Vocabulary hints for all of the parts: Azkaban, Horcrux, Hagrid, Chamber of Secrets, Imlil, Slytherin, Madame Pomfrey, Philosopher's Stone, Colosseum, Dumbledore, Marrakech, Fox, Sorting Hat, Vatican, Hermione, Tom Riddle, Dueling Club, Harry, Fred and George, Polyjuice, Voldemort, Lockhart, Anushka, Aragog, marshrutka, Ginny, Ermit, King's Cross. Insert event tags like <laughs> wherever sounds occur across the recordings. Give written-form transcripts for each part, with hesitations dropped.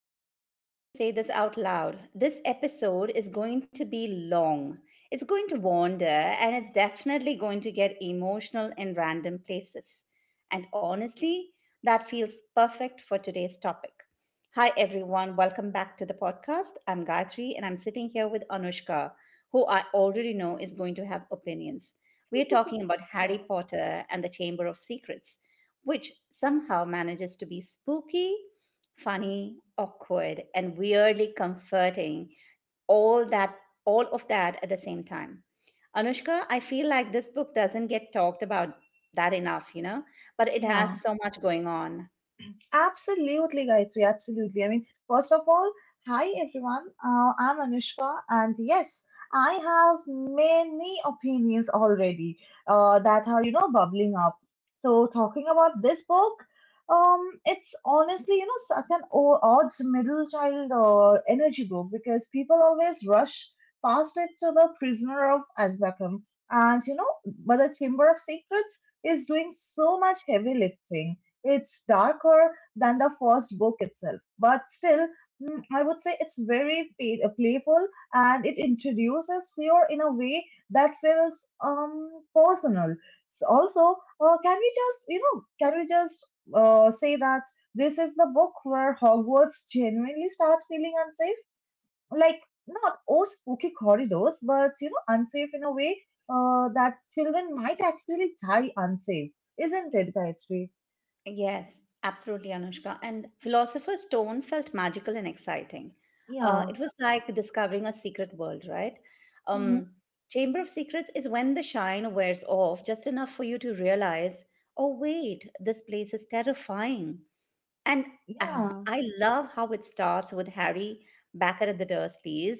in, I just want to say this out loud. This episode is going to be long. It's going to wander and it's definitely going to get emotional in random places. And honestly, that feels perfect for today's topic. Hi, everyone. Welcome back to the podcast. I'm Gayatri and I'm sitting here with Anushka, who I already know is going to have opinions. We are talking about Harry 呀 Potter and the Chamber of Secrets, which somehow manages to be spooky, funny, awkward, and weirdly comforting, all that all of that at the same time. Anushka, I feel like this book doesn't get talked about that enough, but it has 呀，so much going on. Absolutely, Gayatri. Absolutely. I mean, first of all, hi everyone. I'm Anushka, and yes, I have many opinions already that are, you know, bubbling up. So, talking about this book, it's honestly, you know, such an odd middle child energy book because people always rush past it to the Prisoner of Azkaban. And, you know, but the Chamber of Secrets is doing so much heavy lifting. It's darker than the first book itself. But still, mm, I would say it's very playful, and it introduces fear in a way that feels personal. Also, can we just, you know, can we just say that this is the book where Hogwarts genuinely start feeling unsafe? Like, not oh spooky corridors, but you know, unsafe in a way that children might actually die unsafe, isn't it, Gayatri? Yes, absolutely, Anushka. And Philosopher's Stone felt magical and exciting. Uh, Yeah. it was like discovering a secret world, right? Hmm. Um, Chamber of Secrets is when the shine wears off just enough for you to realize, oh, wait, this place is terrifying. And uh, Yeah. I love how it starts with Harry back at the Dursleys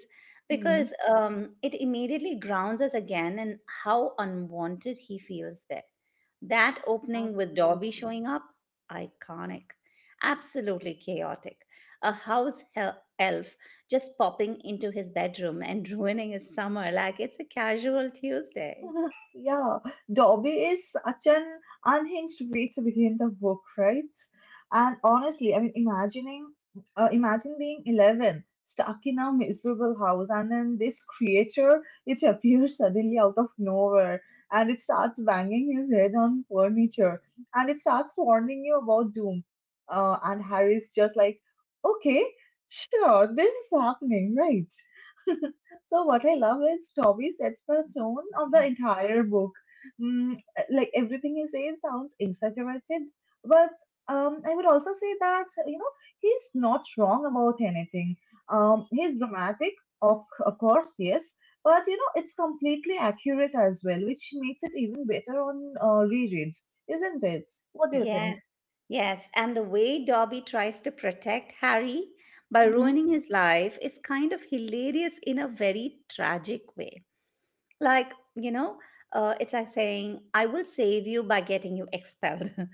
Hmm, because it immediately grounds us again in how unwanted he feels there. That opening with Dobby absolutely. showing up, iconic, absolutely chaotic. A house elf just popping into his bedroom and <laughs> ruining his summer like it's a casual Tuesday. Yeah, the hobby is such an unhinged way to begin the book, right? And honestly, I mean, imagine being 11, stuck in a miserable house, and then this creature, it appears suddenly out of nowhere, and it starts banging his head on furniture, and it starts warning you about doom. And Harry's just like, okay, sure, this is happening, right? So what I love is Toby sets the tone of the entire book. Mm, like everything he says sounds exaggerated, but I would also say that you know he's not wrong about anything. He's dramatic, of course, yes, but you know it's completely accurate as well, which makes it even better on rereads, isn't it? What do you think? Yes, yes. And the way Dobby tries to protect Harry by Hmm. ruining his life is kind of hilarious in a very tragic way. Like, it's like saying, I will save you by getting you expelled. <laughs>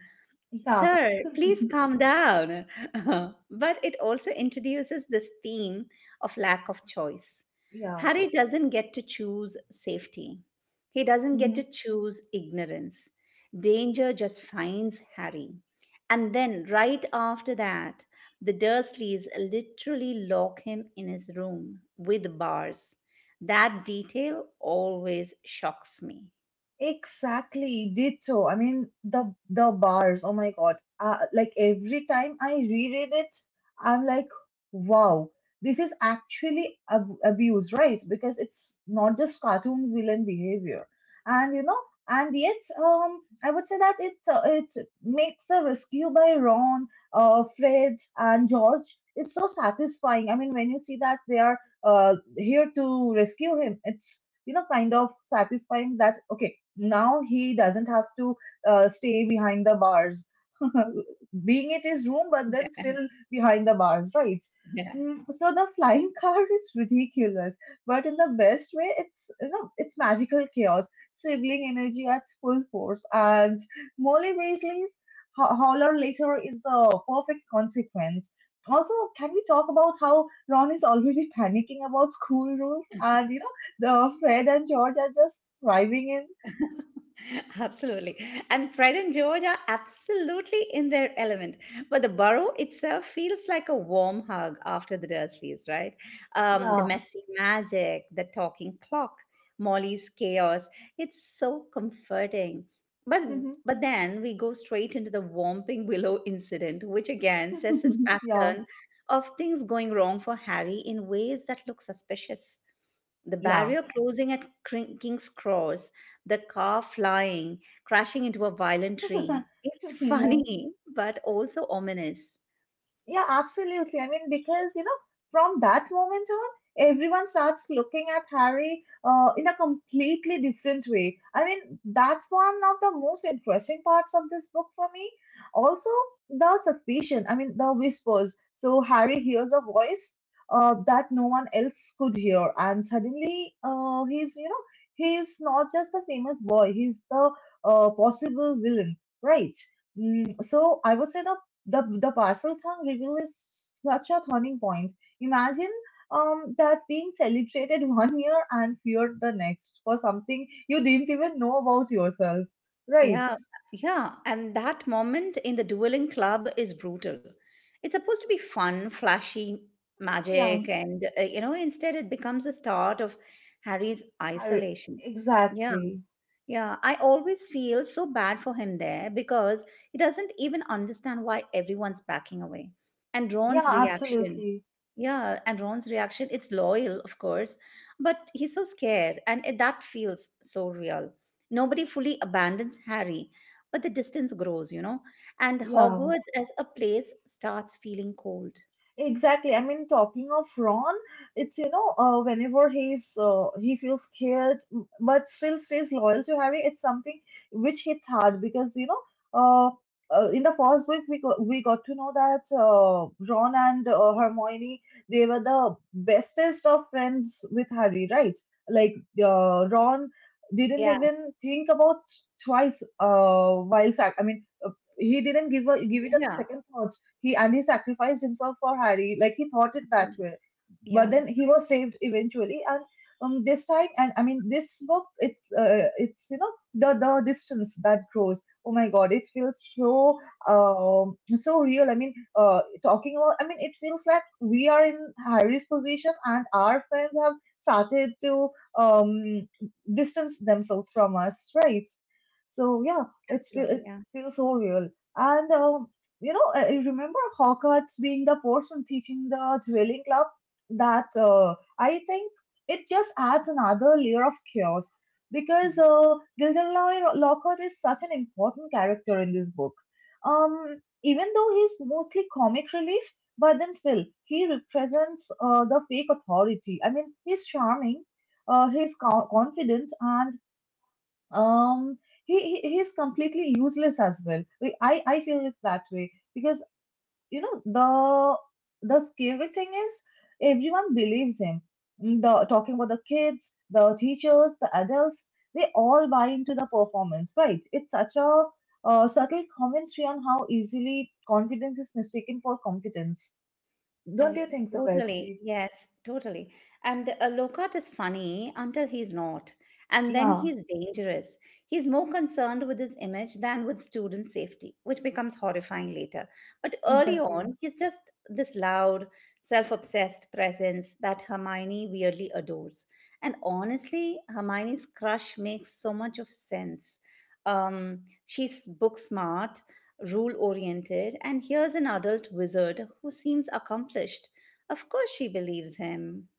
Yeah, Sir, <laughs> please calm down. <laughs> But it also introduces this theme of lack of choice. yeah. Harry doesn't get to choose safety, he doesn't get to Mhm. choose ignorance. Danger just finds Harry. And then, right after that, the Dursleys literally lock him in his room with bars. That detail always shocks me. Exactly, did so. I mean, the bars. Oh my God! Like every time I reread it, I'm like, wow, this is actually abuse, right? Because it's not just cartoon villain behavior, and you know, and yet, I would say that it makes the rescue by Ron, Fred, and George is so satisfying. I mean, when you see that they are here to rescue him, it's you know kind of satisfying that okay now he doesn't have to stay behind the bars, <laughs> being at his room but then Yeah, still behind the bars, right? <laughs> yeah. Mm, so the flying <laughs> car is ridiculous but in the best way. It's you know it's magical chaos sibling energy at full force, and Molly Weasley's holler later is a perfect consequence. Also can we talk about how Ron is already <laughs> panicking about school rules, and you know the Fred and George are just thriving? <laughs> Absolutely. And Fred and George are absolutely in their element. But the burrow itself feels like a warm hug after the Dursleys, right? The 呀 messy magic, the talking clock, Molly's chaos. It's so comforting. But 嗯哼，but then we go straight into the Whomping Willow incident, which again says this <laughs> pattern 呀 of things going wrong for Harry in ways that look suspicious. The 呀 barrier closing at King's Cross, the car flying, crashing into a violent tree. It's <laughs> 呀。<laughs> funny, but also ominous. Yeah, absolutely. I mean, because, you know, from that moment on, everyone starts looking at Harry in a completely different way. I mean, that's one of the most interesting parts of this book for me. Also, the suspicion, I mean, the whispers. So, Harry hears a voice that no one else could hear, and suddenly he's, you know, he's not just the famous boy, he's the possible villain, right? Mm, so I would say the Parcel Thank reveal is such a turning point. Imagine that being celebrated <laughs> one year and feared the next for something you didn't even know about yourself. Right. Yeah, yeah. And that moment in the dueling club is brutal. It's supposed to be fun, flashy Yeah. magic, and instead it becomes the start of Harry's Har- isolation. Yeah, Exactly. yeah. I always feel so bad for him there because he doesn't even understand why everyone's backing away. And Yeah, Ron's reaction. absolutely. Yeah, and Ron's reaction, it's loyal, of course, but he's so scared, and that feels so real. Nobody fully abandons Harry, but the distance grows, you know, and Yeah. Hogwarts as a place starts feeling cold. Exactly. I mean, talking of Ron, it's you know, whenever he feels scared but still stays loyal to Harry. It's something which hits hard because you know, uh, in the first book we got to know that Ron and Hermione, they were the bestest of friends with Harry, right? Like Ron didn't Yeah, even think about twice while sac- I mean, he didn't give it a yeah, second thought, he and he sacrificed himself for Harry. Like he thought it that absolutely. way, but Yeah, then he was saved eventually. And this time and I mean this book, it's you know the distance that grows, oh my God, it feels so so real. I mean talking about, I mean it feels like we are in Harry's position, and our friends have started to um distance themselves from us, right? So yeah, absolutely. it Yeah. feels so real. And you know, I remember Hogwarts being the person teaching the dwelling, that I think it just adds another layer of chaos because Gilderoy Lockhart is such an important character in this book. Um, even though he's mostly comic relief, but then still he represents the fake authority. I mean, he's charming, he's confident, and um, he's completely useless as well. I feel it that way because you know the scary thing is everyone believes him, the talking about the kids, the teachers, the adults, they all buy into the performance, right? It's such a subtle commentary on how easily confidence is mistaken for competence. Uh, Don't you think so, totally. Gayatri? Yes, totally. And Lokat is funny until he's not. And then Yeah, he's dangerous. He's more concerned with his image than with student safety, which becomes horrifying later. But early exactly. on, he's just this loud, self obsessed presence that Hermione weirdly adores. And honestly, Hermione's crush makes so much of sense. Um, she's book smart, rule oriented, and here's an adult wizard who seems accomplished. Of course, she believes him.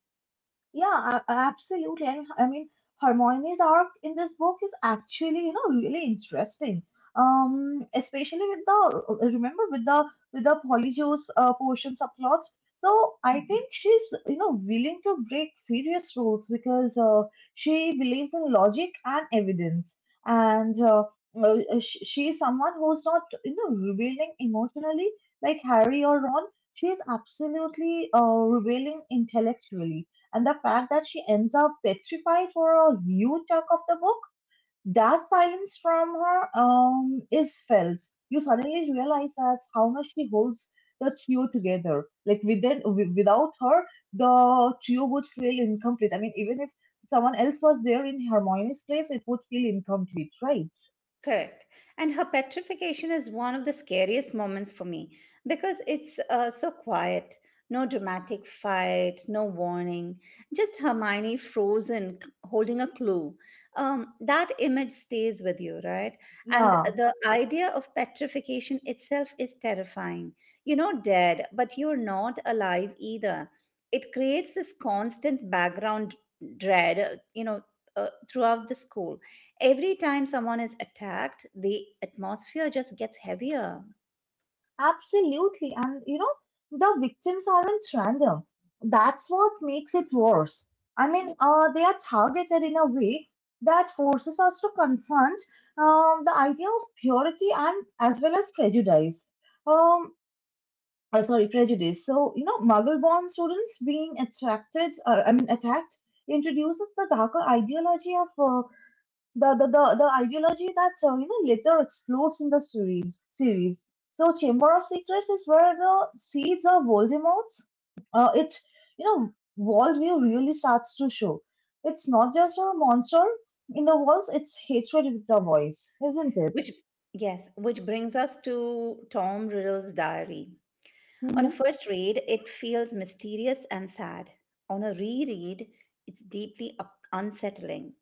Yeah, absolutely. I mean, Hermione's arc in this book is actually, you know, really interesting. Especially with the Polyjuice portion subplot. So I think she's, you know, willing to break serious rules because she believes in logic and evidence, and she's someone who's not, you know, revealing emotionally like Harry or Ron. She's absolutely revealing intellectually, and the fact that she ends up petrified for a huge chunk of the book, that silence from her is felt. You suddenly realize that how much she holds the trio together. Like without her, the trio would feel incomplete. I mean, even if someone else was there in Hermione's place, it would feel incomplete, right? Correct. And her petrification is one of the scariest moments for me because it's so quiet. No dramatic fight, no warning, just Hermione frozen, holding a clue. That image stays with you, right? And Yeah. the idea of petrification itself is terrifying. You're not dead, but you're not alive either. It creates this constant background dread, throughout the school. Every time someone is attacked, the atmosphere just gets heavier. Absolutely. And you know, the victims aren't random. That's what makes it worse. I mean, they are targeted in a way that forces us to confront the idea of purity and as well as prejudice. Um, prejudice. So, you know, muggle-born students being attacked, introduces the darker ideology of the ideology that you know later explodes in the series. So Chamber of Secrets is where the seeds of Voldemort's it you know worldview really starts to show. It's not just a monster in the walls; it's hatred with the voice, isn't it? Which, yes, which brings us to Tom Riddle's diary. On Mm-hmm. a first read, it feels mysterious and sad. On a reread, it's deeply unsettling.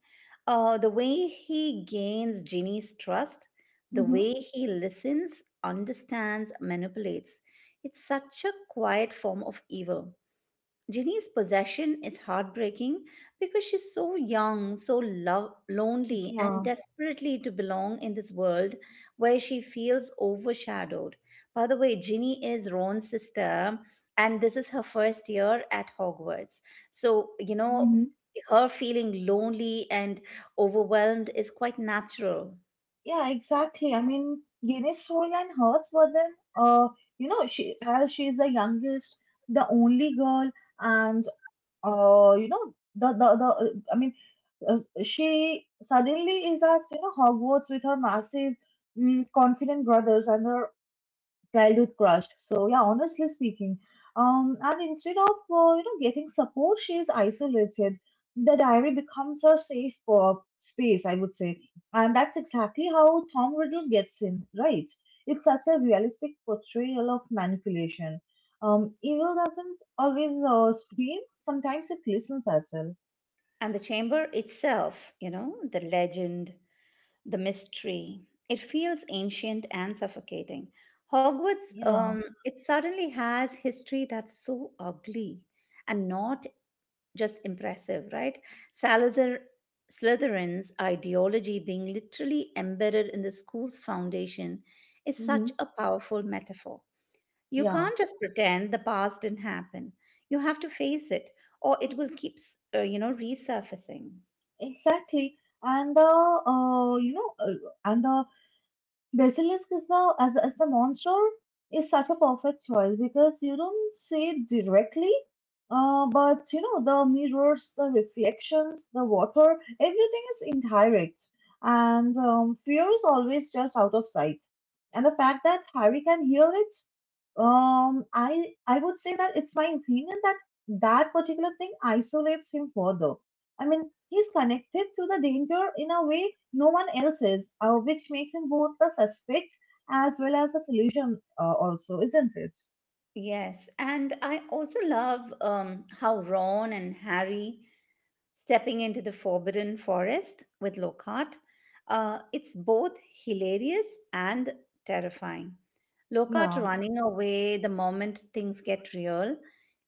The way he gains Ginny's trust, the Mm-hmm. way he listens, understands, manipulates, it's such a quiet form of evil. Ginny's possession is heartbreaking because she's so young, so love, lonely, and Yeah. desperately to belong in this world where she feels overshadowed. By the way, Ginny is Ron's sister, and this is her first year at Hogwarts. So, Hmm. her feeling lonely and overwhelmed is quite natural. Yeah, exactly. I mean, Yenne's storyline hurts, but then, you know, she as she is the youngest, the only girl, and you know, she suddenly is at you know Hogwarts with her massive, mm, confident brothers and her childhood crush. So yeah, honestly speaking, and instead of you know getting support, she is isolated. The diary becomes her safe space, I would say, and that's exactly how Tom Riddle gets in, right? It's such a realistic portrayal of manipulation. Evil doesn't always scream; sometimes it listens as well. And the chamber itself, you know, the legend, the mystery. It feels ancient and suffocating. Hogwarts, Yeah. It suddenly has history that's so ugly and not just impressive, right? Salazar Slytherin's ideology being literally embedded in the school's foundation is Hmm. such a powerful metaphor. You Yeah. can't just pretend the past didn't happen. You have to face it, or it will keep, resurfacing. Exactly. And the Basilisk is now as the monster, is such a perfect choice because you don't see it directly, but you know the mirrors, the reflections, the water, everything is indirect, and fear is always just out of sight. And the fact that Harry can hear it, I would say that it's my opinion that that particular thing isolates him further. I mean, he's connected to the danger in a way no one else is, which makes him both the suspect as well as the solution, also, isn't it? Yes, and I also love how Ron and Harry stepping into the Forbidden Forest with Lockhart. It's both hilarious and terrifying. Lockhart Yeah. running away the moment things get real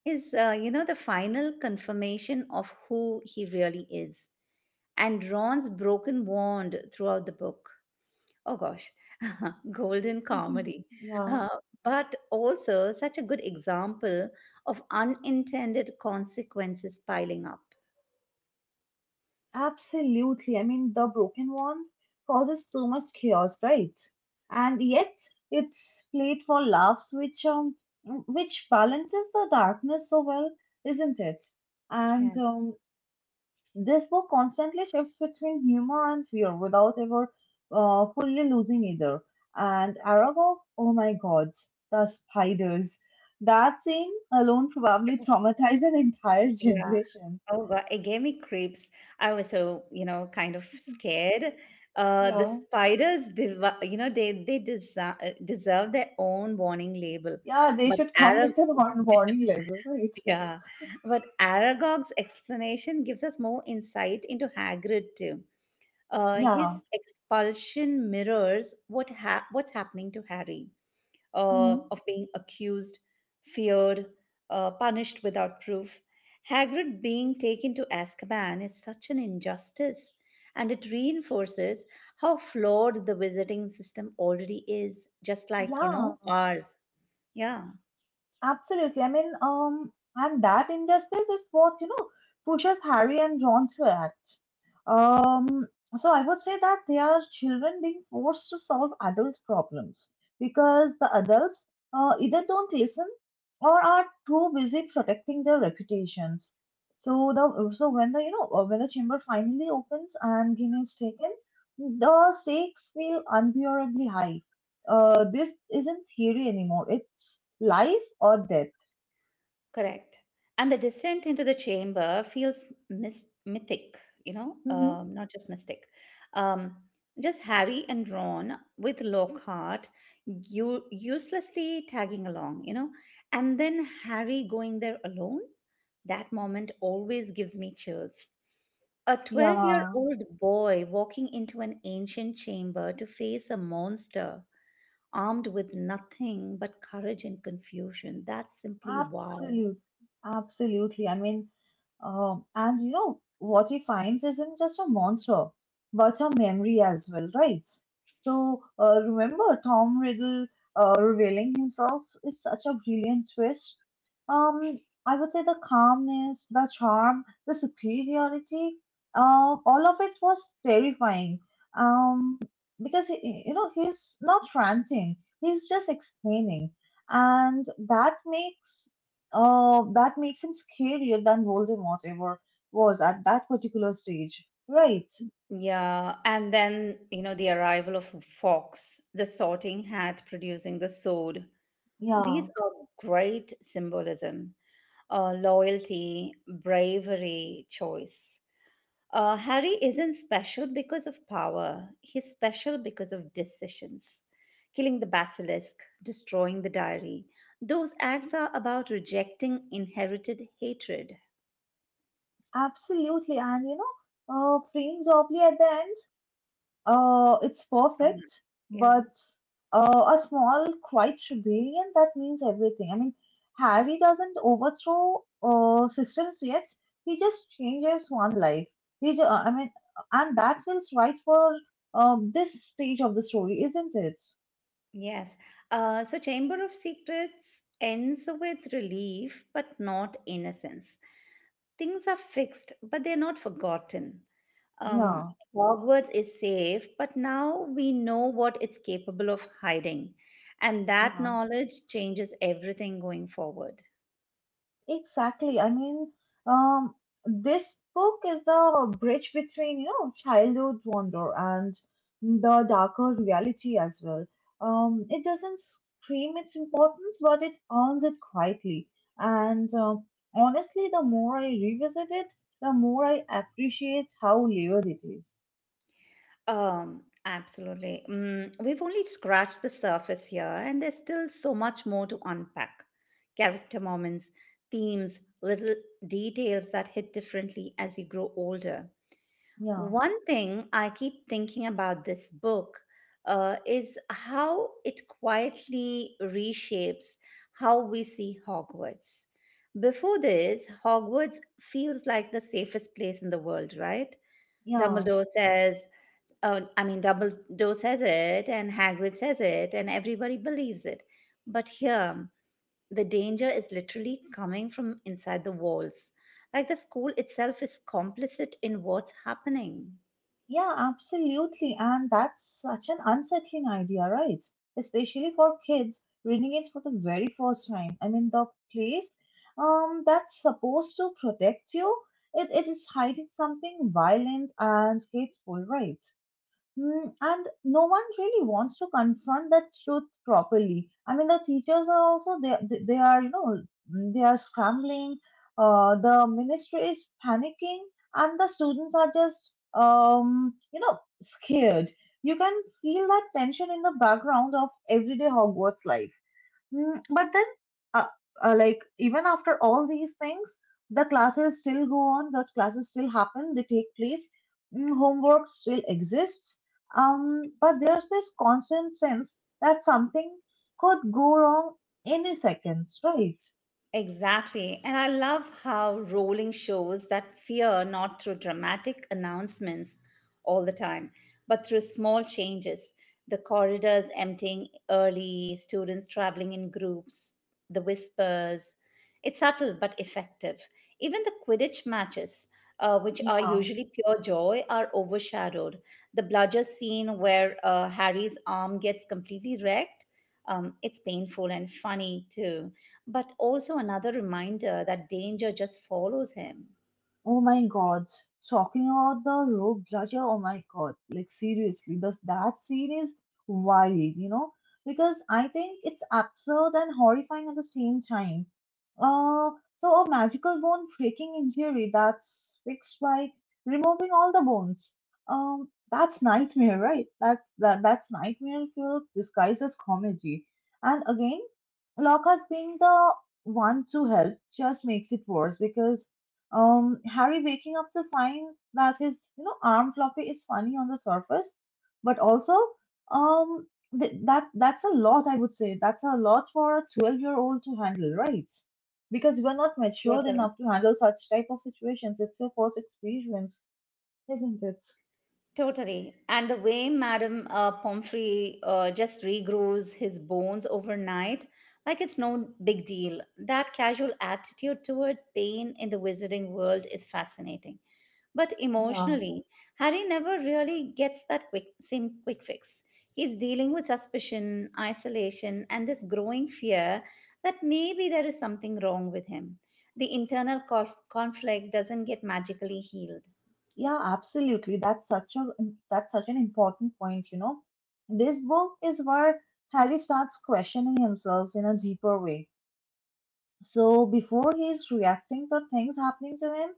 is, the final confirmation of who he really is, and Ron's broken wand throughout the book. Oh gosh, <laughs> golden Mhm. comedy. Yeah, Uh, but also such a good example of unintended consequences piling up. absolutely. I mean, the broken wand causes so much chaos, right? And yet it's played for laughs, which which balances the darkness so well, isn't it? And Yeah. This book constantly shifts between humor and fear without ever fully losing either. And Aragog, oh my God, the spiders. That scene alone probably traumatized an entire Yeah. generation. Oh God, it gave me creeps. I was so, you know, kind of scared. The Yeah. spiders, you know, they deserve their own warning label. Yeah, they But should come Arag- with an <laughs> warning level, <laughs> right? yeah, but Aragog's explanation gives us more insight into Hagrid too. Uh, Yeah. his expulsion mirrors what's happening to Harry, Hmm. of being accused, feared, punished without proof. Hagrid being taken to Azkaban is such an injustice, and it reinforces how flawed the visiting system already is, just likeYeah, ours. Yeah. absolutely. I mean, and that injustice is what, you know, pushes Harry and Ron to act. Um, so I would say that they are children being forced to solve adult problems because the adults either don't listen or are too busy protecting their reputations. So the so when the you know when the chamber finally opens and Ginny is taken, the stakes feel unbearably high. This isn't theory anymore. It's life or death. Correct. And the descent into the chamber feels mythic, you know, Hmm. Not just mystic. Um, just Harry and Ron with Lockhart uselessly tagging along, you know, and then Harry going there alone. That moment always gives me chills. A 12 year Yeah. old boy walking into an ancient chamber to face a monster armed with nothing but courage and confusion. That's simply wow. Absolutely, absolutely. I mean, and you know what he finds isn't just a monster, but a memory as well, right? So remember Tom Riddle revealing himself is such a brilliant twist. Um, I would say the calmness, the charm, the superiority, all of it was terrifying. Um, because he, you know he's not ranting; he's just explaining, and that makes that makes him scarier than Voldemort ever was at that particular stage, right? Yeah, and then, the arrival of Fox, the sorting hat producing the sword. These Yeah, are great symbolism, loyalty, bravery, choice. Harry isn't special because of power, he's special because of decisions. Killing the basilisk, destroying the diary, those acts are about rejecting inherited hatred. absolutely. And you know, Frame Dobley at the end. It's Um, perfect, yeah. but a small, quiet rebellion that means everything. I mean, Harry doesn't overthrow systems yet. He just changes one life. I mean, and that feels right for this stage of the story, isn't it? Yes. So, Chamber of Secrets ends with relief, but not innocence. Things are fixed, but they're not forgotten. Um, Yeah, Hogwarts is safe, but now we know what it's capable of hiding. And that yeah. knowledge changes everything going forward. Exactly. I mean, um, this book is the bridge between, you know, childhood wonder and the darker reality as well. It doesn't scream its importance, but it earns it quietly. And honestly, the more I revisit it, the more I appreciate how layered it is. Absolutely. We've only scratched the surface here, and there's still so much more to unpack. Character moments, themes, little details that hit differently as you grow older. Yeah, One thing I keep thinking about this book is how it quietly reshapes how we see Hogwarts. Before this, Hogwarts feels like the safest place in the world, right? yeah. Dumbledore says, Oh, I mean, Dumbledore says it, and Hagrid says it, and everybody believes it. But here, the danger is literally coming from inside the walls. Like the school itself is complicit in what's happening. Yeah, absolutely. And that's such an unsettling idea, right? Especially for kids reading it for the very first time. I mean, the place, that's supposed to protect you, it is hiding something violent and hateful, right? Mm, and no one really wants to confront that truth properly. I mean, the teachers are also they are you know, mm, they are scrambling. The ministry is panicking, and the students are just you know scared. You can feel that tension in the background of everyday Hogwarts life. Mm, but then, uh, like, even after all these things, the classes still go on, the classes still happen, they take place, mm, homework still exists. But there's this constant sense that something could go wrong any second, right? Exactly. And I love how Rowling shows that fear not through dramatic announcements all the time, but through small changes. The corridors emptying early, students traveling in groups, the whispers. It's subtle but effective. Even the Quidditch matches, which are Yeah. usually pure joy, are overshadowed. The bludger scene where Harry's arm gets completely wrecked, it's painful and funny too, but also another reminder that danger just follows him. Oh my God, talking about the Rogue Raja, oh my God, like seriously, that scene is wild, you know, because I think it's absurd and horrifying at the same time. So a magical bone breaking injury that's fixed by removing all the bones. That's nightmare, right? That's nightmare fuel disguised as comedy. And again, Lockhart being the one to help just makes it worse because, Harry waking up to find that his, you know, arm floppy is funny on the surface, but also, um, that that's a lot. I would say that's a lot for a 12-year-old to handle, right? Because we're not What matured enough to handle such type of situations. It's your first experience, isn't it? Totally. And the way Madame Pomfrey just regrows his bones overnight, like it's no big deal. That casual attitude toward pain in the wizarding world is fascinating. But Yeah, emotionally, Harry never really gets that quick, same quick fix. He's dealing with suspicion, isolation, and this growing fear that maybe there is something wrong with him. The internal conflict doesn't get magically healed. yeah, absolutely. That's such an important point, you know. This book is where Harry starts questioning himself in a deeper way. So before he's reacting to things happening to him,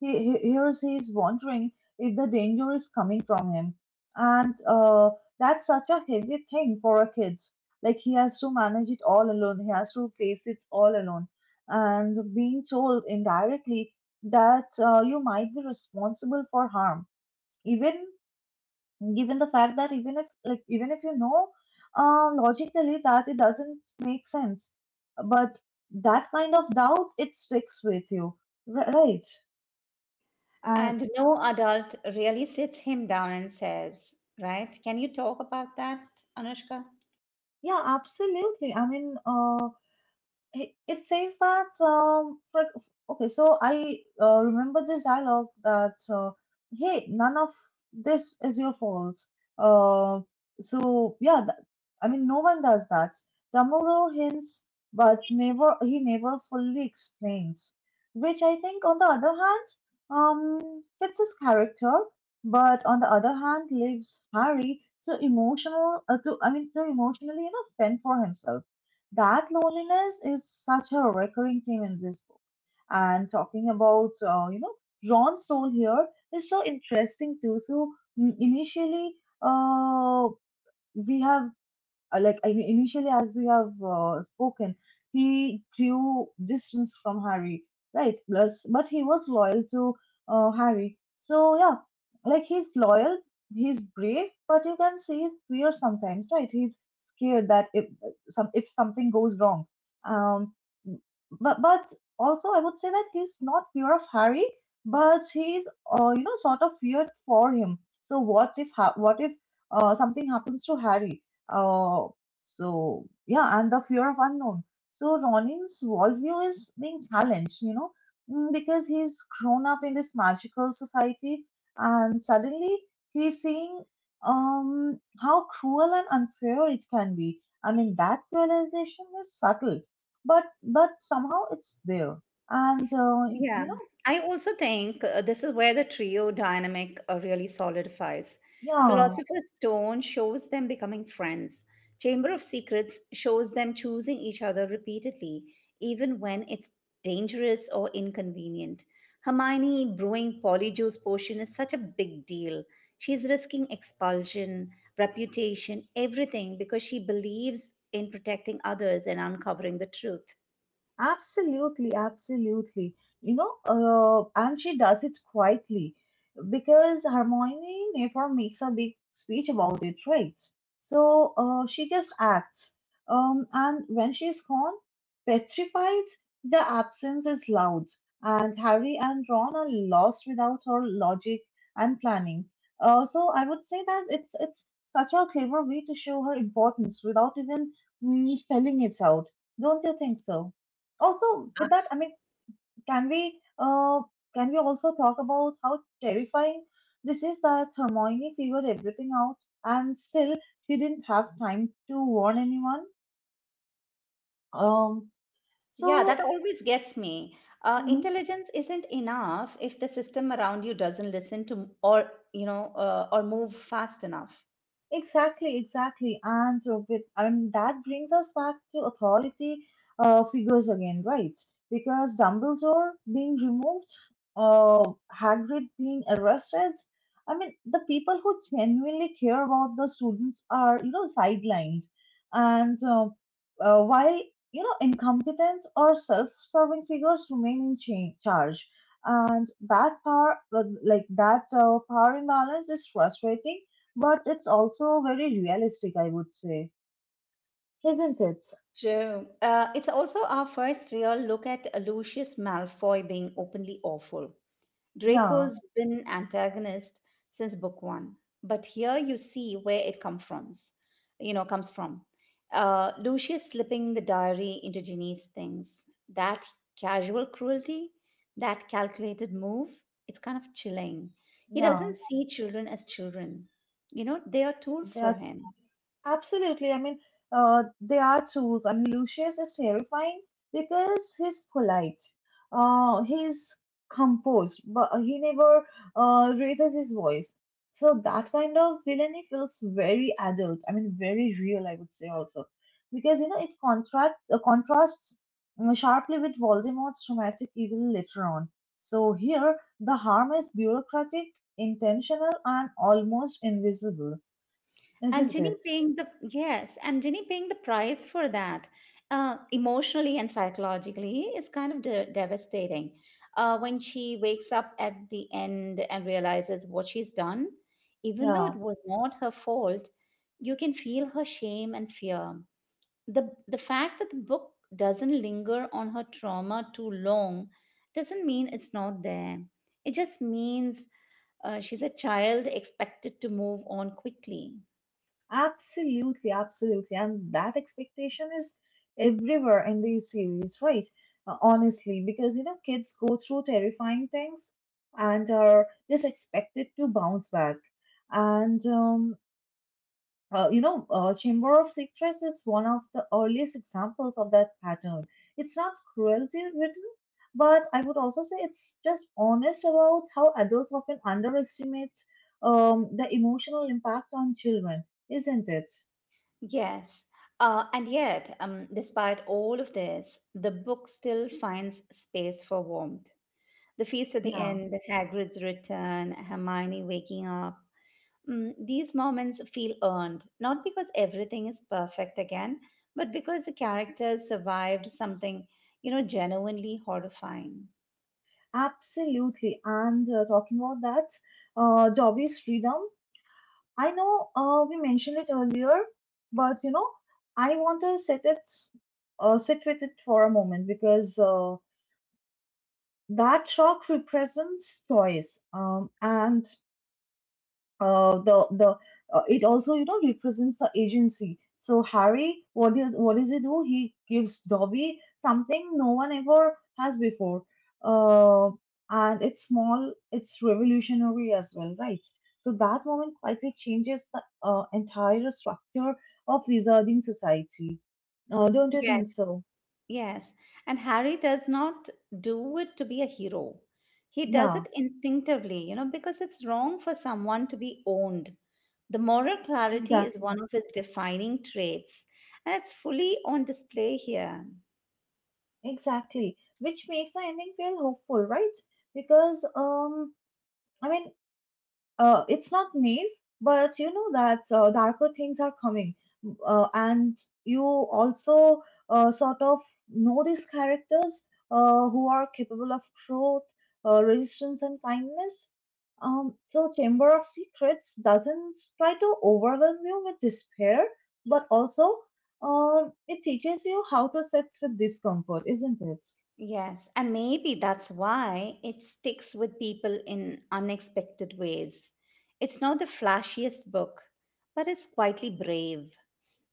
he here's he's wondering if the danger is coming from him, and that's such a heavy thing for a kid. Like he has to manage it all alone. He has to face it all alone, and being told indirectly that you might be responsible for harm, even given the fact that even if you know, logically, that it doesn't make sense, but that kind of doubt, it sticks with you, right. And And no adult really sits him down and says, right, can you talk about that, Anushka? yeah, absolutely. I mean, it, it says that for, okay, so I remember this dialogue that, hey, none of this is your fault. uh, so yeah, that, I mean, no one does that. Dumbledore hints, but never he never fully explains, which I think on the other hand, fits his character, but on the other hand leaves Harry to emotional to I mean, to emotionally, you know, fend for himself. That loneliness is such a recurring theme in this book. And talking about, you know, Ron's role here is so interesting too. So mm, initially, uh, we have I mean, initially, as we have spoken, he drew distance from Harry, right? plus But he was loyal to, Harry. So yeah, like he's loyal, he's brave, but you can see his fear sometimes, right? He's scared that if some if something goes wrong, um, but also, I would say that he's not fear of Harry, but he's, you know, sort of feared for him. So what if something happens to Harry, uh, so yeah, and the fear of unknown. So Ronnie's worldview is being challenged, you know, mm, because he's grown up in this magical society, and suddenly he's seeing how cruel and unfair it can be. I mean, that realization is subtle, but somehow it's there, and Yeah, you know, I also think this is where the trio dynamic really solidifies. yeah. Philosopher's Stone shows them becoming friends. Chamber of Secrets shows them choosing each other repeatedly, even when it's dangerous or inconvenient. Hermione brewing Polyjuice potion is such a big deal. She's risking expulsion, reputation, everything because she believes in protecting others and uncovering the truth. Absolutely, absolutely. You know, and she does it quietly because Hermione never makes a big speech about it, right? She just acts. And when she's gone, petrified, the absence is loud, and Harry and Ron are lost without her logic and planning. So I would say that it's such a clever way to show her importance without even, mm, spelling it out. Don't you think so? Also, with that, I mean, can we uh can we also talk about how terrifying this is, that Hermione figured everything out and still she didn't have time to warn anyone? um Yeah, so that always gets me. Mhm. Intelligence isn't enough if the system around you doesn't listen to or you know or move fast enough. Exactly, exactly. And so with, I mean, that brings us back to authority, figures again, right? Because Dumbledore being removed, uh, Hagrid being arrested, I mean, the people who genuinely care about the students are, you know, sidelined. And while, you know, incompetent or self-serving figures remain in charge. And that power, like that power imbalance is frustrating, but it's also very realistic, I would say, isn't it? True. It's also our first real look at Lucius Malfoy being openly awful. Yeah, Draco's been antagonist since book one, but here you see where it comes from. You know, comes from Lucius slipping the diary into Ginny's things. That casual cruelty, that calculated move, it's kind of chilling. He yeah. doesn't see children as children. You know, they are tools for That him. absolutely. I mean, they are tools. I mean, Lucius is terrifying because he's polite. He's composed, but he never, raises his voice. So that kind of villainy feels very adult. I mean, very real. I would say also, because you know, it contrasts sharply with Voldemort's dramatic evil later on. So here the harm is bureaucratic, intentional, and almost invisible, And isn't Ginny it? paying the yes, and Ginny paying the price for that, emotionally and psychologically, is kind of devastating. When she wakes up at the end and realizes what she's done, even though it Yeah, was not her fault, you can feel her shame and fear. the The fact that the book doesn't linger on her trauma too long doesn't mean it's not there. It just means she's a child expected to move on quickly. absolutely, absolutely. And that expectation is everywhere in these series, right? Honestly, because you know, kids go through terrifying things and are just expected to bounce back. And you know, Chamber of Secrets is one of the earliest examples of that pattern. It's not cruelty written, but I would also say it's just honest about how adults often underestimate, the emotional impact on children, isn't it? Yes. And yet, despite all of this, the book still finds space for warmth. The feast at the Yeah, end, Hagrid's return, Hermione waking up. Mm, these moments feel earned, not because everything is perfect again, but because the characters survived something, you know, genuinely horrifying. absolutely. And talking about that, Dobby's freedom. I know we mentioned it earlier, but you know, I want to set it, sit with it for a moment, because. That rock represents choice, and the it also, you know, represents the agency. So Harry, what does he do? He gives Dobby something no one ever has before, uh, and it's small, it's revolutionary as well, right? So that moment quietly changes the entire structure of wizarding society, don't you Yes. think so? Yes, and Harry does not do it to be a hero. He does Yeah, it instinctively, you know, because it's wrong for someone to be owned. The moral clarity is exactly. one of his defining traits, and it's fully on display here. Exactly, which makes the ending feel hopeful, right? Because I mean, it's not naive, but you know that darker things are coming, and you also, sort of know these characters, who are capable of growth, resistance, and kindness. So Chamber of Secrets doesn't try to overwhelm you with despair, but also, it teaches you how to sit with discomfort, isn't it? Yes, and maybe that's why it sticks with people in unexpected ways. It's not the flashiest book, but it's quietly brave.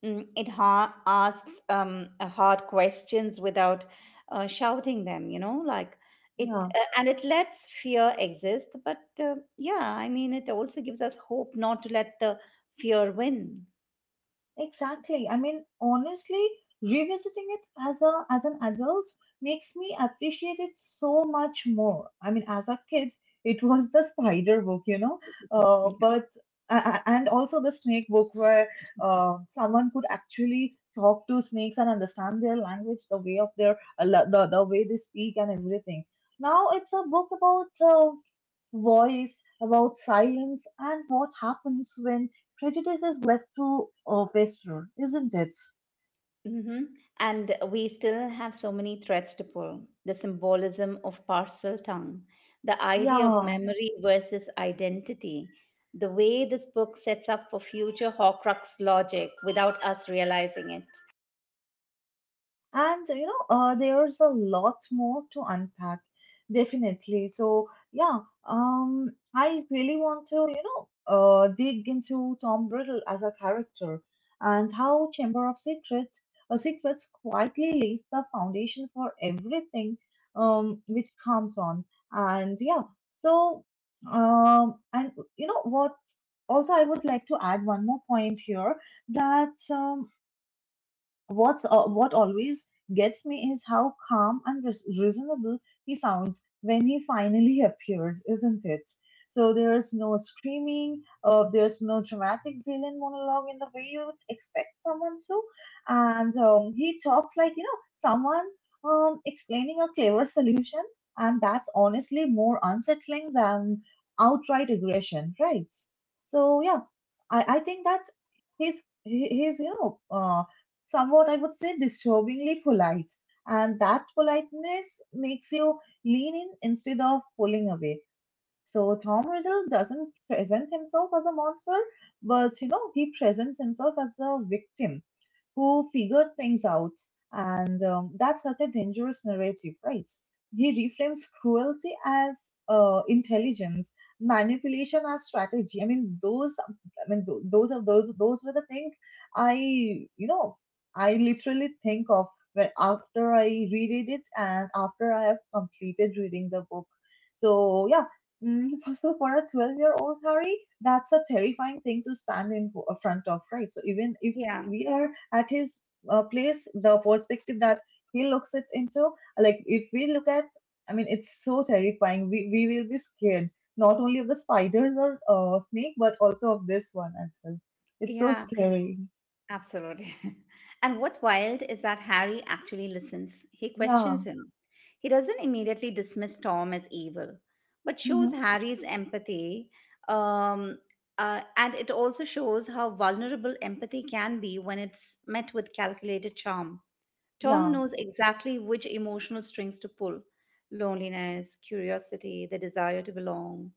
Mm, it asks hard questions without shouting them, you know, like it Yeah, and it lets fear exist, but yeah, I mean it also gives us hope not to let the fear win. exactly. I mean, honestly, revisiting it as a as an adult makes me appreciate it so much more. I mean, as a kid, it was the spider book, you know, Mhm. but, and also the snake book, where Yeah. Someone could actually talk to snakes and understand their language, the way of their, the way they speak and everything. Now it's a book about, voice, about silence, and what happens when prejudice is left to, fester, isn't it? Mm-hmm. And we still have so many threads to pull. The symbolism of parcel tongue, the idea of Yeah. memory versus identity, the way this book sets up for future Horcrux logic without us realizing it. And you know, there's a lot more to unpack, definitely. So yeah, I really want to, you know, dig into Tom Riddle as a character, and how Secrets quietly lays the foundation for everything, which comes on. And yeah, so, and you know what? Also, I would like to add one more point here, that what's what always gets me is how calm and reasonable he sounds when he finally <laughs> appears, isn't it? So there's no screaming, there's no dramatic villain monologue in the way you would expect someone to, and he talks like, you know, someone, explaining a clever solution, and that's honestly more unsettling than outright aggression, right? So yeah, I think that his, you know, somewhat, I would say, disturbingly polite. And that politeness makes you lean in instead of pulling away. So Tom Riddle doesn't present himself as a monster, but you know, he presents himself as a victim who figured things out. And That's such a dangerous narrative, right? He reframes cruelty as intelligence, manipulation as strategy. I mean, those, I mean, tho- those are Those were the things I, you know, I literally think of when after I reread it and after I have completed reading the book. So yeah, mm, <laughs> so for a 12-year-old Harry, that's a terrifying thing to stand in front of, right? So even if Yeah, we are at his place, the perspective that he looks it into, like if we look at, I mean, it's so terrifying. We will be scared not only of the spiders or snake, but also of this one as well. It's so yeah. scary. Absolutely. <laughs> And what's wild is that Harry actually listens. He Yeah. questions him. He doesn't immediately dismiss Tom as evil, but shows Hmm. Harry's empathy. Um, and it also shows how vulnerable empathy can be when it's met with calculated charm. Tom Yeah. knows exactly which emotional strings to pull: loneliness, curiosity, the desire to belong.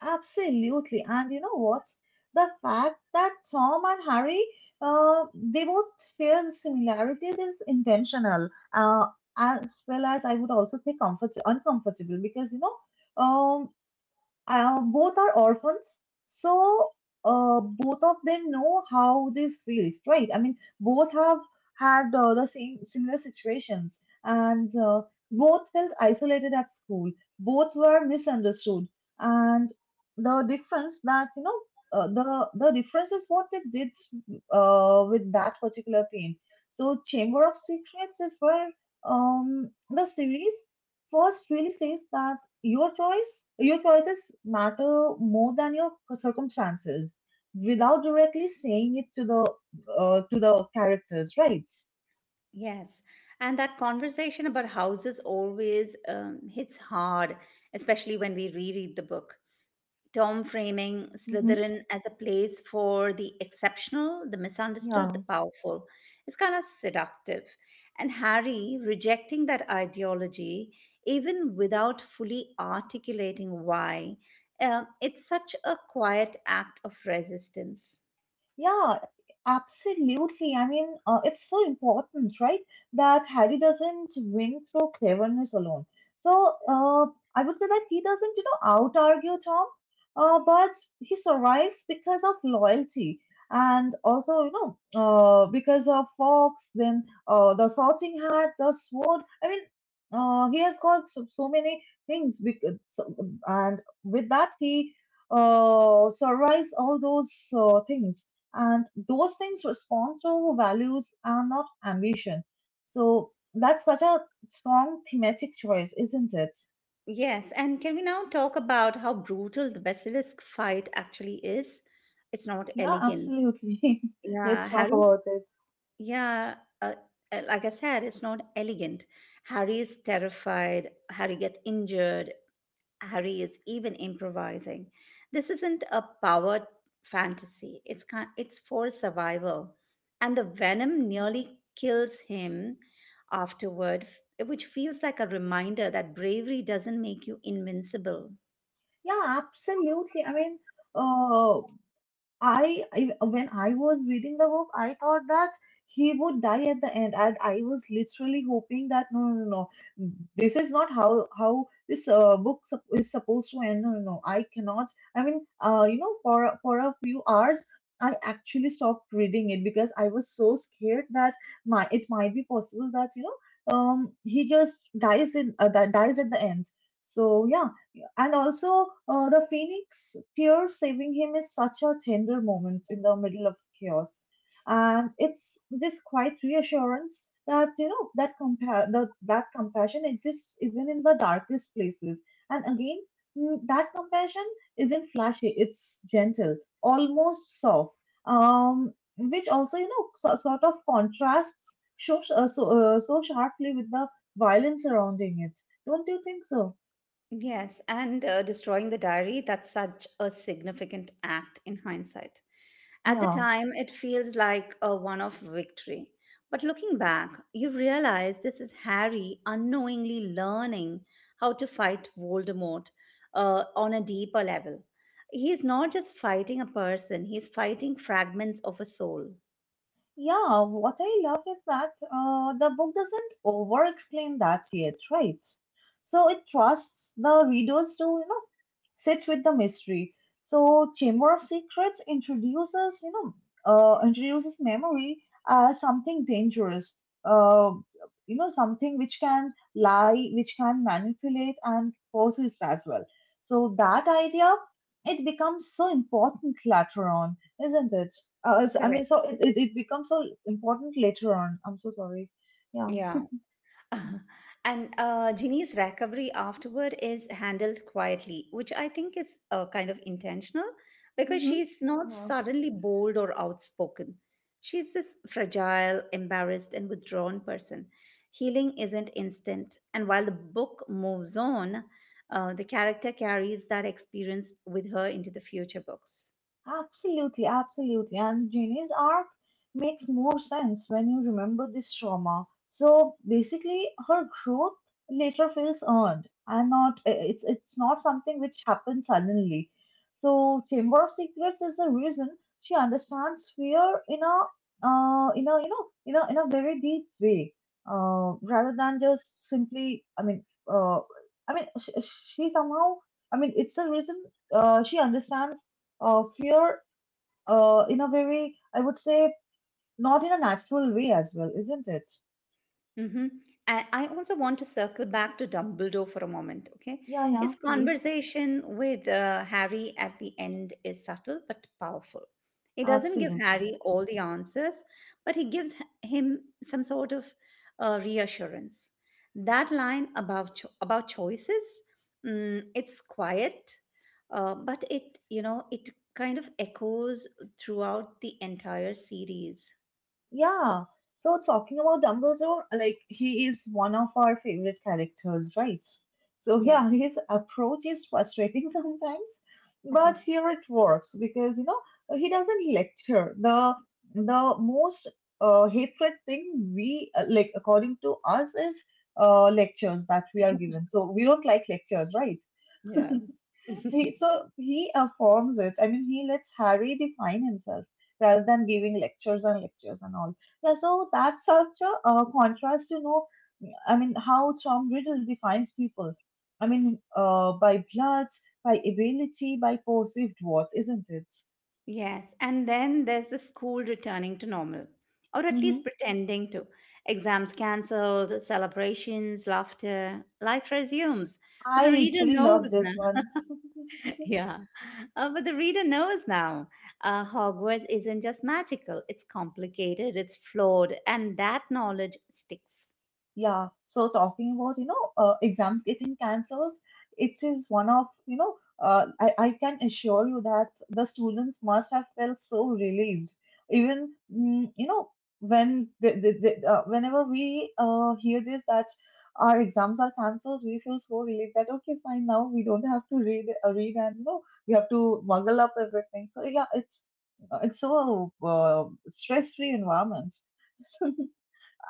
Absolutely. And you know what? The fact that Tom and Harry, they both share the similarities is intentional, uh, as well as I would also say comfort uncomfortable because um, both are orphans, so both of them know how this feels, right? I mean, both have had the same similar situations, and both felt isolated at school. Both were misunderstood, and the difference that the difference is what they did with that particular pain. So, Chamber of Secrets is where the series first really says that your choices matter more than your circumstances without directly saying it to the characters, right? Yes, and that conversation about houses always hits hard, especially when we reread the book. Tom framing Hmm. Slytherin as a place for the exceptional, the misunderstood, the Yeah. powerful. It's kind of seductive. And Harry rejecting that ideology, even without fully articulating why, it's such a quiet act of resistance. Yeah, absolutely. I mean, it's so important, right? That Harry doesn't win through cleverness alone. So, I would say that he doesn't, you know, out argue Tom, but he survives because of loyalty and also, you know, because of Fox, then the sorting hat, the sword. I mean, he has got so, so many things, and with that, he survives all those things, and those things respond to values and not ambition. So that's such a strong thematic choice, isn't it? Yes, and can we now talk about how brutal the basilisk fight actually is? It's not Yeah, elegant. absolutely. <laughs> Yeah, Let's talk Harry's, about it. yeah, uh, like I said, it's not elegant. Harry is terrified, Harry gets injured, Harry is even improvising. This isn't a power fantasy. It's for survival. And the venom nearly kills him afterward, which feels like a reminder that bravery doesn't make you invincible. Yeah, absolutely. I mean, uh, I, when I was reading the book, I thought that he would die at the end, and I was literally hoping that no, no, no, no, this is not how this book is supposed to end. No, no, no, I cannot. I mean, you know, for a few hours, I actually stopped reading it because I was so scared that my it might be possible that he just dies in dies at the end. So yeah, and also, the phoenix tear saving him is such a tender moment in the middle of chaos, and it's this quiet reassurance that you know that that compassion exists even in the darkest places. And again, that compassion isn't flashy; it's gentle, almost soft, which also you know sort of contrasts so sharply with the violence surrounding it. Don't you think so? Yes, and destroying the diary, that's such a significant act in hindsight. At the Yeah. time, it feels like a one off victory. But looking back, you realize this is Harry unknowingly learning how to fight Voldemort on a deeper level. He's not just fighting a person, he's fighting fragments of a soul. Yeah, what I love is that the book doesn't over explain that yet, right? So it trusts the readers to you know sit with the mystery. So Chamber of Secrets introduces, you know, introduces memory as something dangerous. Uh, you know, something which can lie, which can manipulate and possess as well. So that idea, it becomes so important later on, isn't it? Correct. It becomes so important later on. I'm so sorry. Yeah. Yeah. <laughs> And Ginny's recovery afterward is handled quietly, which I think is kind of intentional because Mm-hmm. she's not Yeah. suddenly bold or outspoken. She's this fragile, embarrassed, and withdrawn person. Healing isn't instant. And while the book moves on, the character carries that experience with her into the future books. Absolutely, absolutely. And Jenny's arc makes more sense when you remember this trauma. So basically, her growth later feels earned, and not it's it's not something which happens suddenly. So Chamber of Secrets is the reason she understands fear in a in a very deep way, rather than just simply. Uh, I mean, she, she somehow. I mean, it's the reason she understands fear in a very, I would say, not in a natural way as well, isn't it? Mm-hmm. I also want to circle back to Dumbledore for a moment, okay? Yeah, yeah, His please. conversation with Harry at the end is subtle but powerful. He doesn't give Absolutely. Harry all the answers, but he gives him some sort of reassurance. That line about about choices, mm, it's quiet, but it, you know, it kind of echoes throughout the entire series. Yeah. So talking about Dumbledore, like he is one of our favorite characters, right? So yeah, Yes. his approach is frustrating <laughs> sometimes, but Uh-huh. here it works because you know he doesn't lecture. The most hatred thing we like according to us is lectures that we are given. So we don't like lectures, right? Yeah. So he affirms it. I mean, he lets Harry define himself rather than giving lectures and lectures and all. Yeah, so that's such a contrast, you know. I mean, how Tom Riddle defines people. I mean, by blood, by ability, by perceived worth, isn't it? Yes, and then there's the school returning to normal, or at least Hmm. pretending to. Exams cancelled, celebrations, laughter, life resumes. But I the reader literally love knows now. this one. <laughs> <laughs> yeah, but the reader knows now. Hogwarts isn't just magical, it's complicated, it's flawed, and that knowledge sticks. Yeah, so talking about, you know, exams getting cancelled, it is one of, you know, I can assure you that the students must have felt so relieved. Even, you know, when whenever we hear this that our exams are cancelled, we feel so relieved that okay, fine, now we don't have to read and you know we have to muggle up everything. So yeah, it's so stress-free environment. <laughs>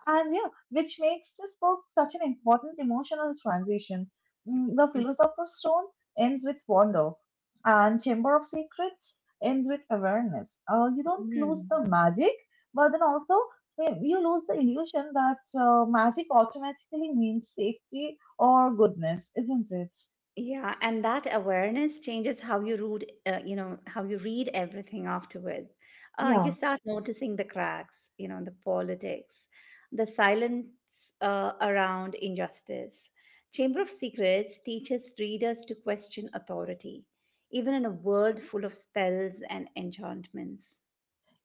And yeah, which makes this book such an important emotional transition. The Mhm. Philosopher's Stone ends with wonder, and Chamber of Secrets ends with awareness. You don't lose Mhm. the magic, but then also you lose the illusion that magic automatically means safety or goodness, isn't it? Yeah, and that awareness changes how you read, you know, how you read everything afterwards. You Yeah. start noticing the cracks, you know, the politics, the silence around injustice. Chamber of Secrets teaches readers to question authority, even in a world full of spells and enchantments.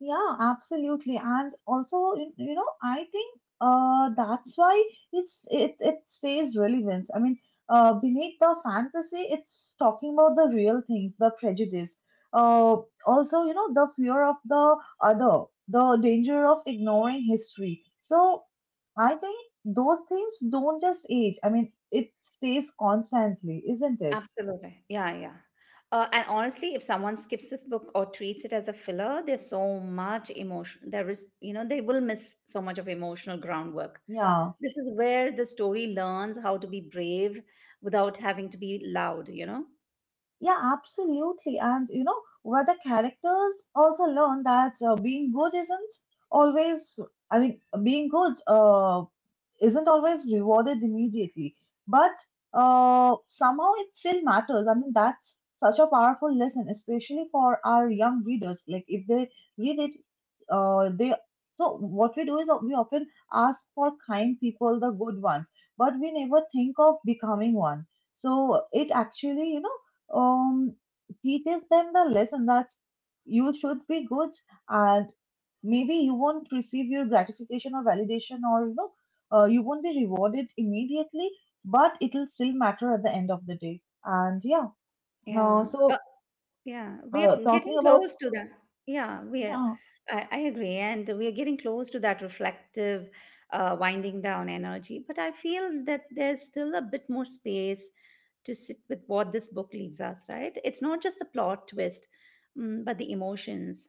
Yeah, absolutely. And also, you know, I think that's why it stays relevant. I mean, beneath the fantasy, it's talking about the real things, the prejudice. Uh, also, you know, the fear of the other, the danger of ignoring history. So I think those things don't just age. I mean, it stays constantly, isn't it? Absolutely. Yeah, yeah. And honestly, if someone skips this book or treats it as a filler, there's so much emotion. There is, you know, they will miss so much of emotional groundwork. Yeah. This is where the story learns how to be brave without having to be loud, you know? Yeah, absolutely. And you know, where the characters also learn that being good isn't always, being good isn't always rewarded immediately, but somehow it still matters. I mean, that's such a powerful lesson, especially for our young readers. Like, if they read it, they so what we do is that we often ask for kind people, the good ones, but we never think of becoming one. So it actually, you know um, teaches them the lesson that you should be good and maybe you won't receive your gratification or validation or you know you won't be rewarded immediately but it'll still matter at the end of the day, and yeah, Yeah. So Yeah. We are getting talking about close to that. Yeah, we are. yeah. I agree. And we are getting close to that reflective, winding down energy. But I feel that there's still a bit more space to sit with what this book leaves us, right? It's not just the plot twist, mm, but the emotions.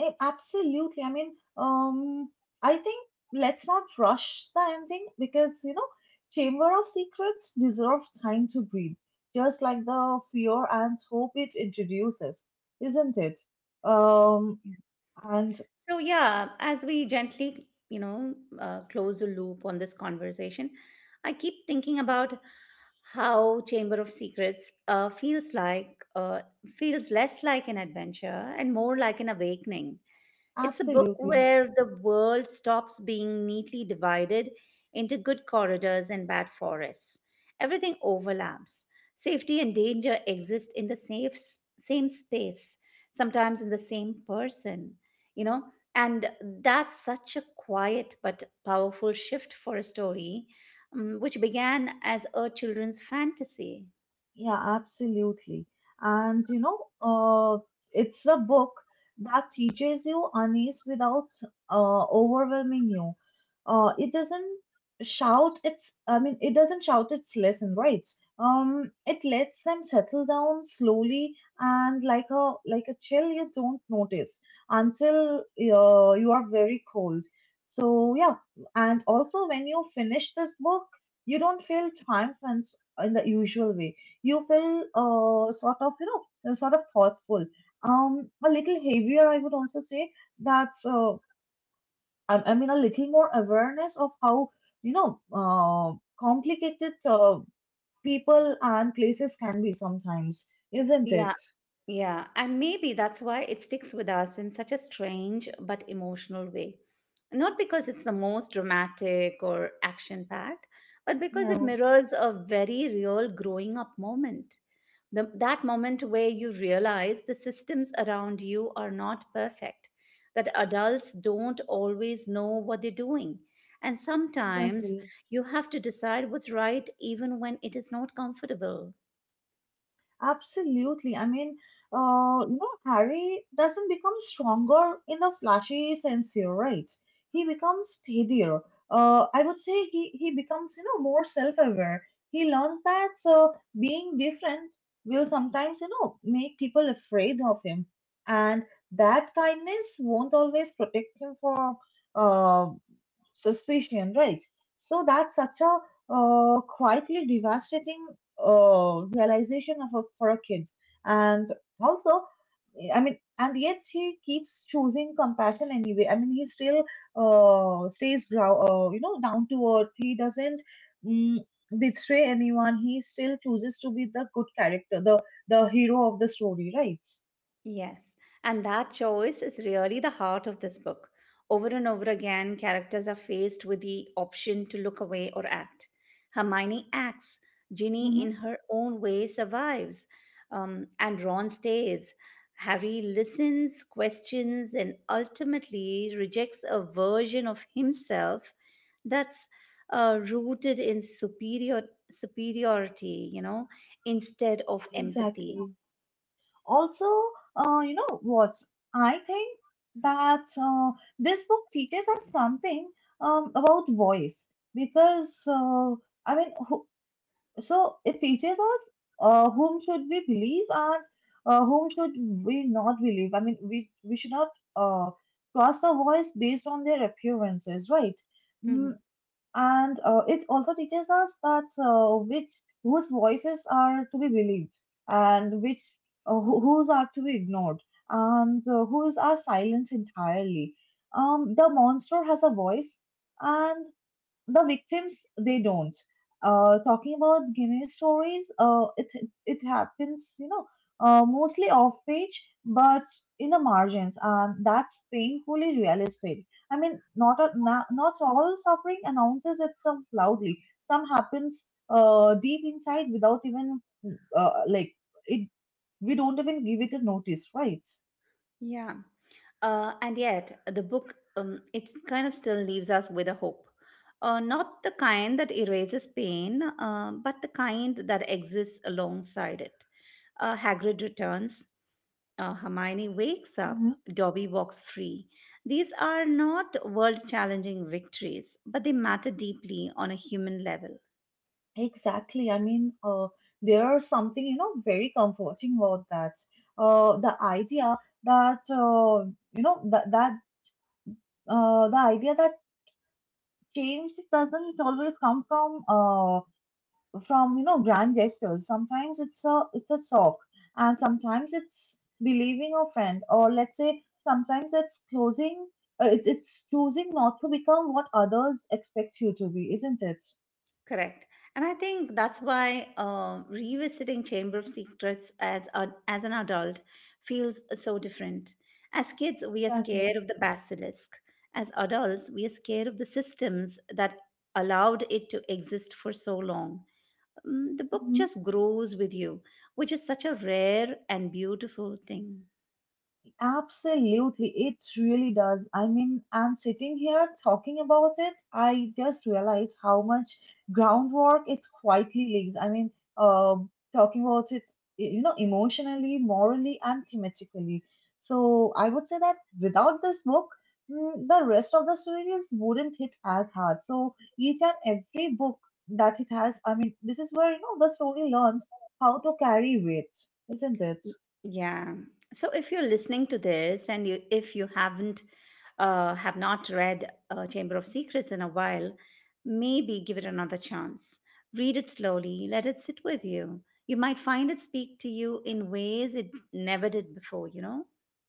Eh, absolutely. I mean, I think let's not rush the ending because, you know, Chamber of Secrets deserve time to breathe, just like the fear and hope it introduces, isn't it? Um, Yeah. and So, yeah, as we gently, you know, close the loop on this conversation, I keep thinking about how Chamber of Secrets feels less like an adventure and more like an awakening. It's a book absolutely. where the world stops being neatly divided into good corridors and bad forests. Everything overlaps. Safety and danger exist in the same space, sometimes in the same person, you know? And that's such a quiet but powerful shift for a story, which began as a children's fantasy. Yeah, absolutely. And you know, it's the book that teaches you unease without overwhelming you. Uh, it doesn't it doesn't shout its lesson, right? It lets them settle down slowly and like a chill you don't notice until you are very cold. So yeah, and also when you finish this book, you don't feel triumphant in the usual way. You feel sort of you know sort of thoughtful, a little heavier, I would also say. that's uh, I mean a little more awareness of how you know uh, complicated people and places can be sometimes, isn't it? Yeah. Yeah, and maybe that's why it sticks with us in such a strange but emotional way. Not because it's the most dramatic or action packed, but because it Yeah. mirrors a very real growing up moment. That moment where you realize the systems around you are not perfect, that adults don't always know what they're doing. And sometimes Exactly. you have to decide what's right even when it is not comfortable. Absolutely. I mean, you know, Harry doesn't become stronger in the flashy sense here, right? He becomes steadier. I would say he becomes, you know, more self-aware. He learns that being different will sometimes, you know, make people afraid of him. And that kindness won't always protect him from, uh, suspicion, right? So that's such a quietly devastating realization for a kid. And also, I mean, and yet he keeps choosing compassion anyway. I mean, he still stays, you know, down to earth. He doesn't mm, betray anyone. He still chooses to be the good character, the hero of the story, right? Yes, and that choice is really the heart of this book. Over and over again, characters are faced with the option to look away or act. Hermione acts, Ginny, in Hmm. her own way, survives, and Ron stays. Harry listens, questions, and ultimately rejects a version of himself that's rooted in superiority, you know, instead of empathy. Exactly. also you know what, I think that this book teaches us something about voice. Because I mean who, So it teaches us whom should we believe and whom should we not believe. I mean we should not uh, trust a voice based on their appearances, right? Hmm. And it also teaches us that which whose voices are to be believed and which whose are to be ignored and whose are silenced entirely. Um, the monster has a voice, and the victims they don't. Talking about guinness stories, it happens you know mostly off page but in the margins, and that's painfully realistic. I mean, not a, na- not all suffering announces itself loudly. Some happens deep inside without even like it we don't even give it a notice, right? Yeah. And yet, the book, it kind of still leaves us with a hope. Not the kind that erases pain, but the kind that exists alongside it. Hagrid returns, Hermione wakes up, Mhm. Dobby walks free. These are not world challenging victories, but they matter deeply on a human level. Exactly. I mean, there is something, you know, very comforting about that. The idea that, you know, that, that, The idea that change doesn't always come from you know grand gestures. Sometimes it's a talk, and sometimes it's believing a friend, or let's say sometimes it's it's choosing not to become what others expect you to be, isn't it? Correct. And I think that's why, um, revisiting Chamber of Secrets as, as an adult feels so different. As kids, we are Exactly. scared of the basilisk. As adults, we are scared of the systems that allowed it to exist for so long. Mm, the book just grows with you, which is such a rare and beautiful thing. Absolutely, it really does. I mean, and sitting here talking about it, I just realized how much groundwork it quietly leaves. I mean, um, talking about it, y- you know, emotionally, morally, and thematically. So I would say that without this book, the rest of the series wouldn't hit as hard. So each and every book that it has, I mean, this is where, you know, the story learns how to carry weight, isn't it? Yeah. So if you're listening to this and you have not read Chamber of Secrets in a while, maybe give it another chance. Read it slowly, let it sit with you. You might find it speak to you in ways it never did before, you know?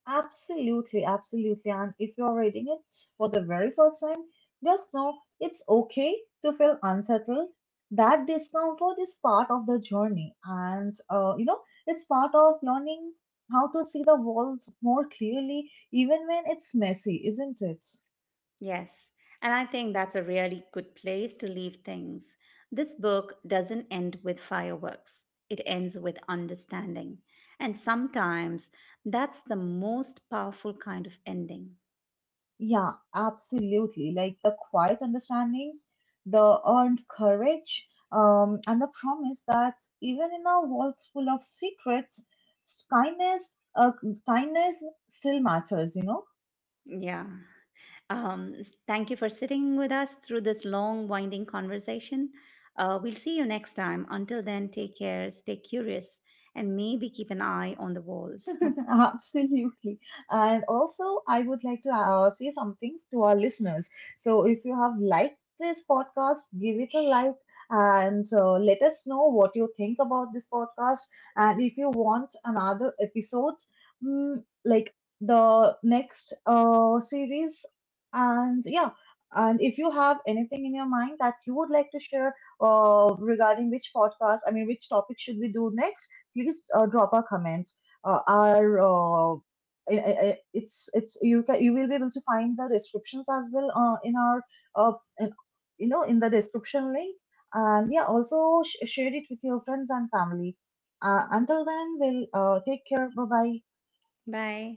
Absolutely, absolutely. And if you're reading it for the very first time, just know it's okay to feel unsettled. That discomfort is part of the journey, and you know, it's part of learning how to see the walls more clearly, even when it's messy, isn't it? Yes, and I think that's a really good place to leave things. This book doesn't end with fireworks, it ends with understanding. And sometimes that's the most powerful kind of ending. Yeah, absolutely. Like the quiet understanding, the earned courage, and the promise that even in a world full of secrets, kindness, kindness still matters. You know. Yeah. Um, Thank you for sitting with us through this long, winding conversation. We'll see you next time. Until then, take care, stay curious, and maybe keep an eye on the walls. <laughs> Absolutely. And also, I would like to say something to our listeners. So, if you have liked this podcast, give it a like, and let us know what you think about this podcast. And if you want another episodes, like the next series, and yeah. And if you have anything in your mind that you would like to share regarding which podcast, I mean, which topic should we do next, please drop our comments are I- it's you can you will be able to find the descriptions as well uh, in, you know in the description link. And yeah, also share it with your friends and family. Until then, we'll take care. Bye bye. <laughs> Bye.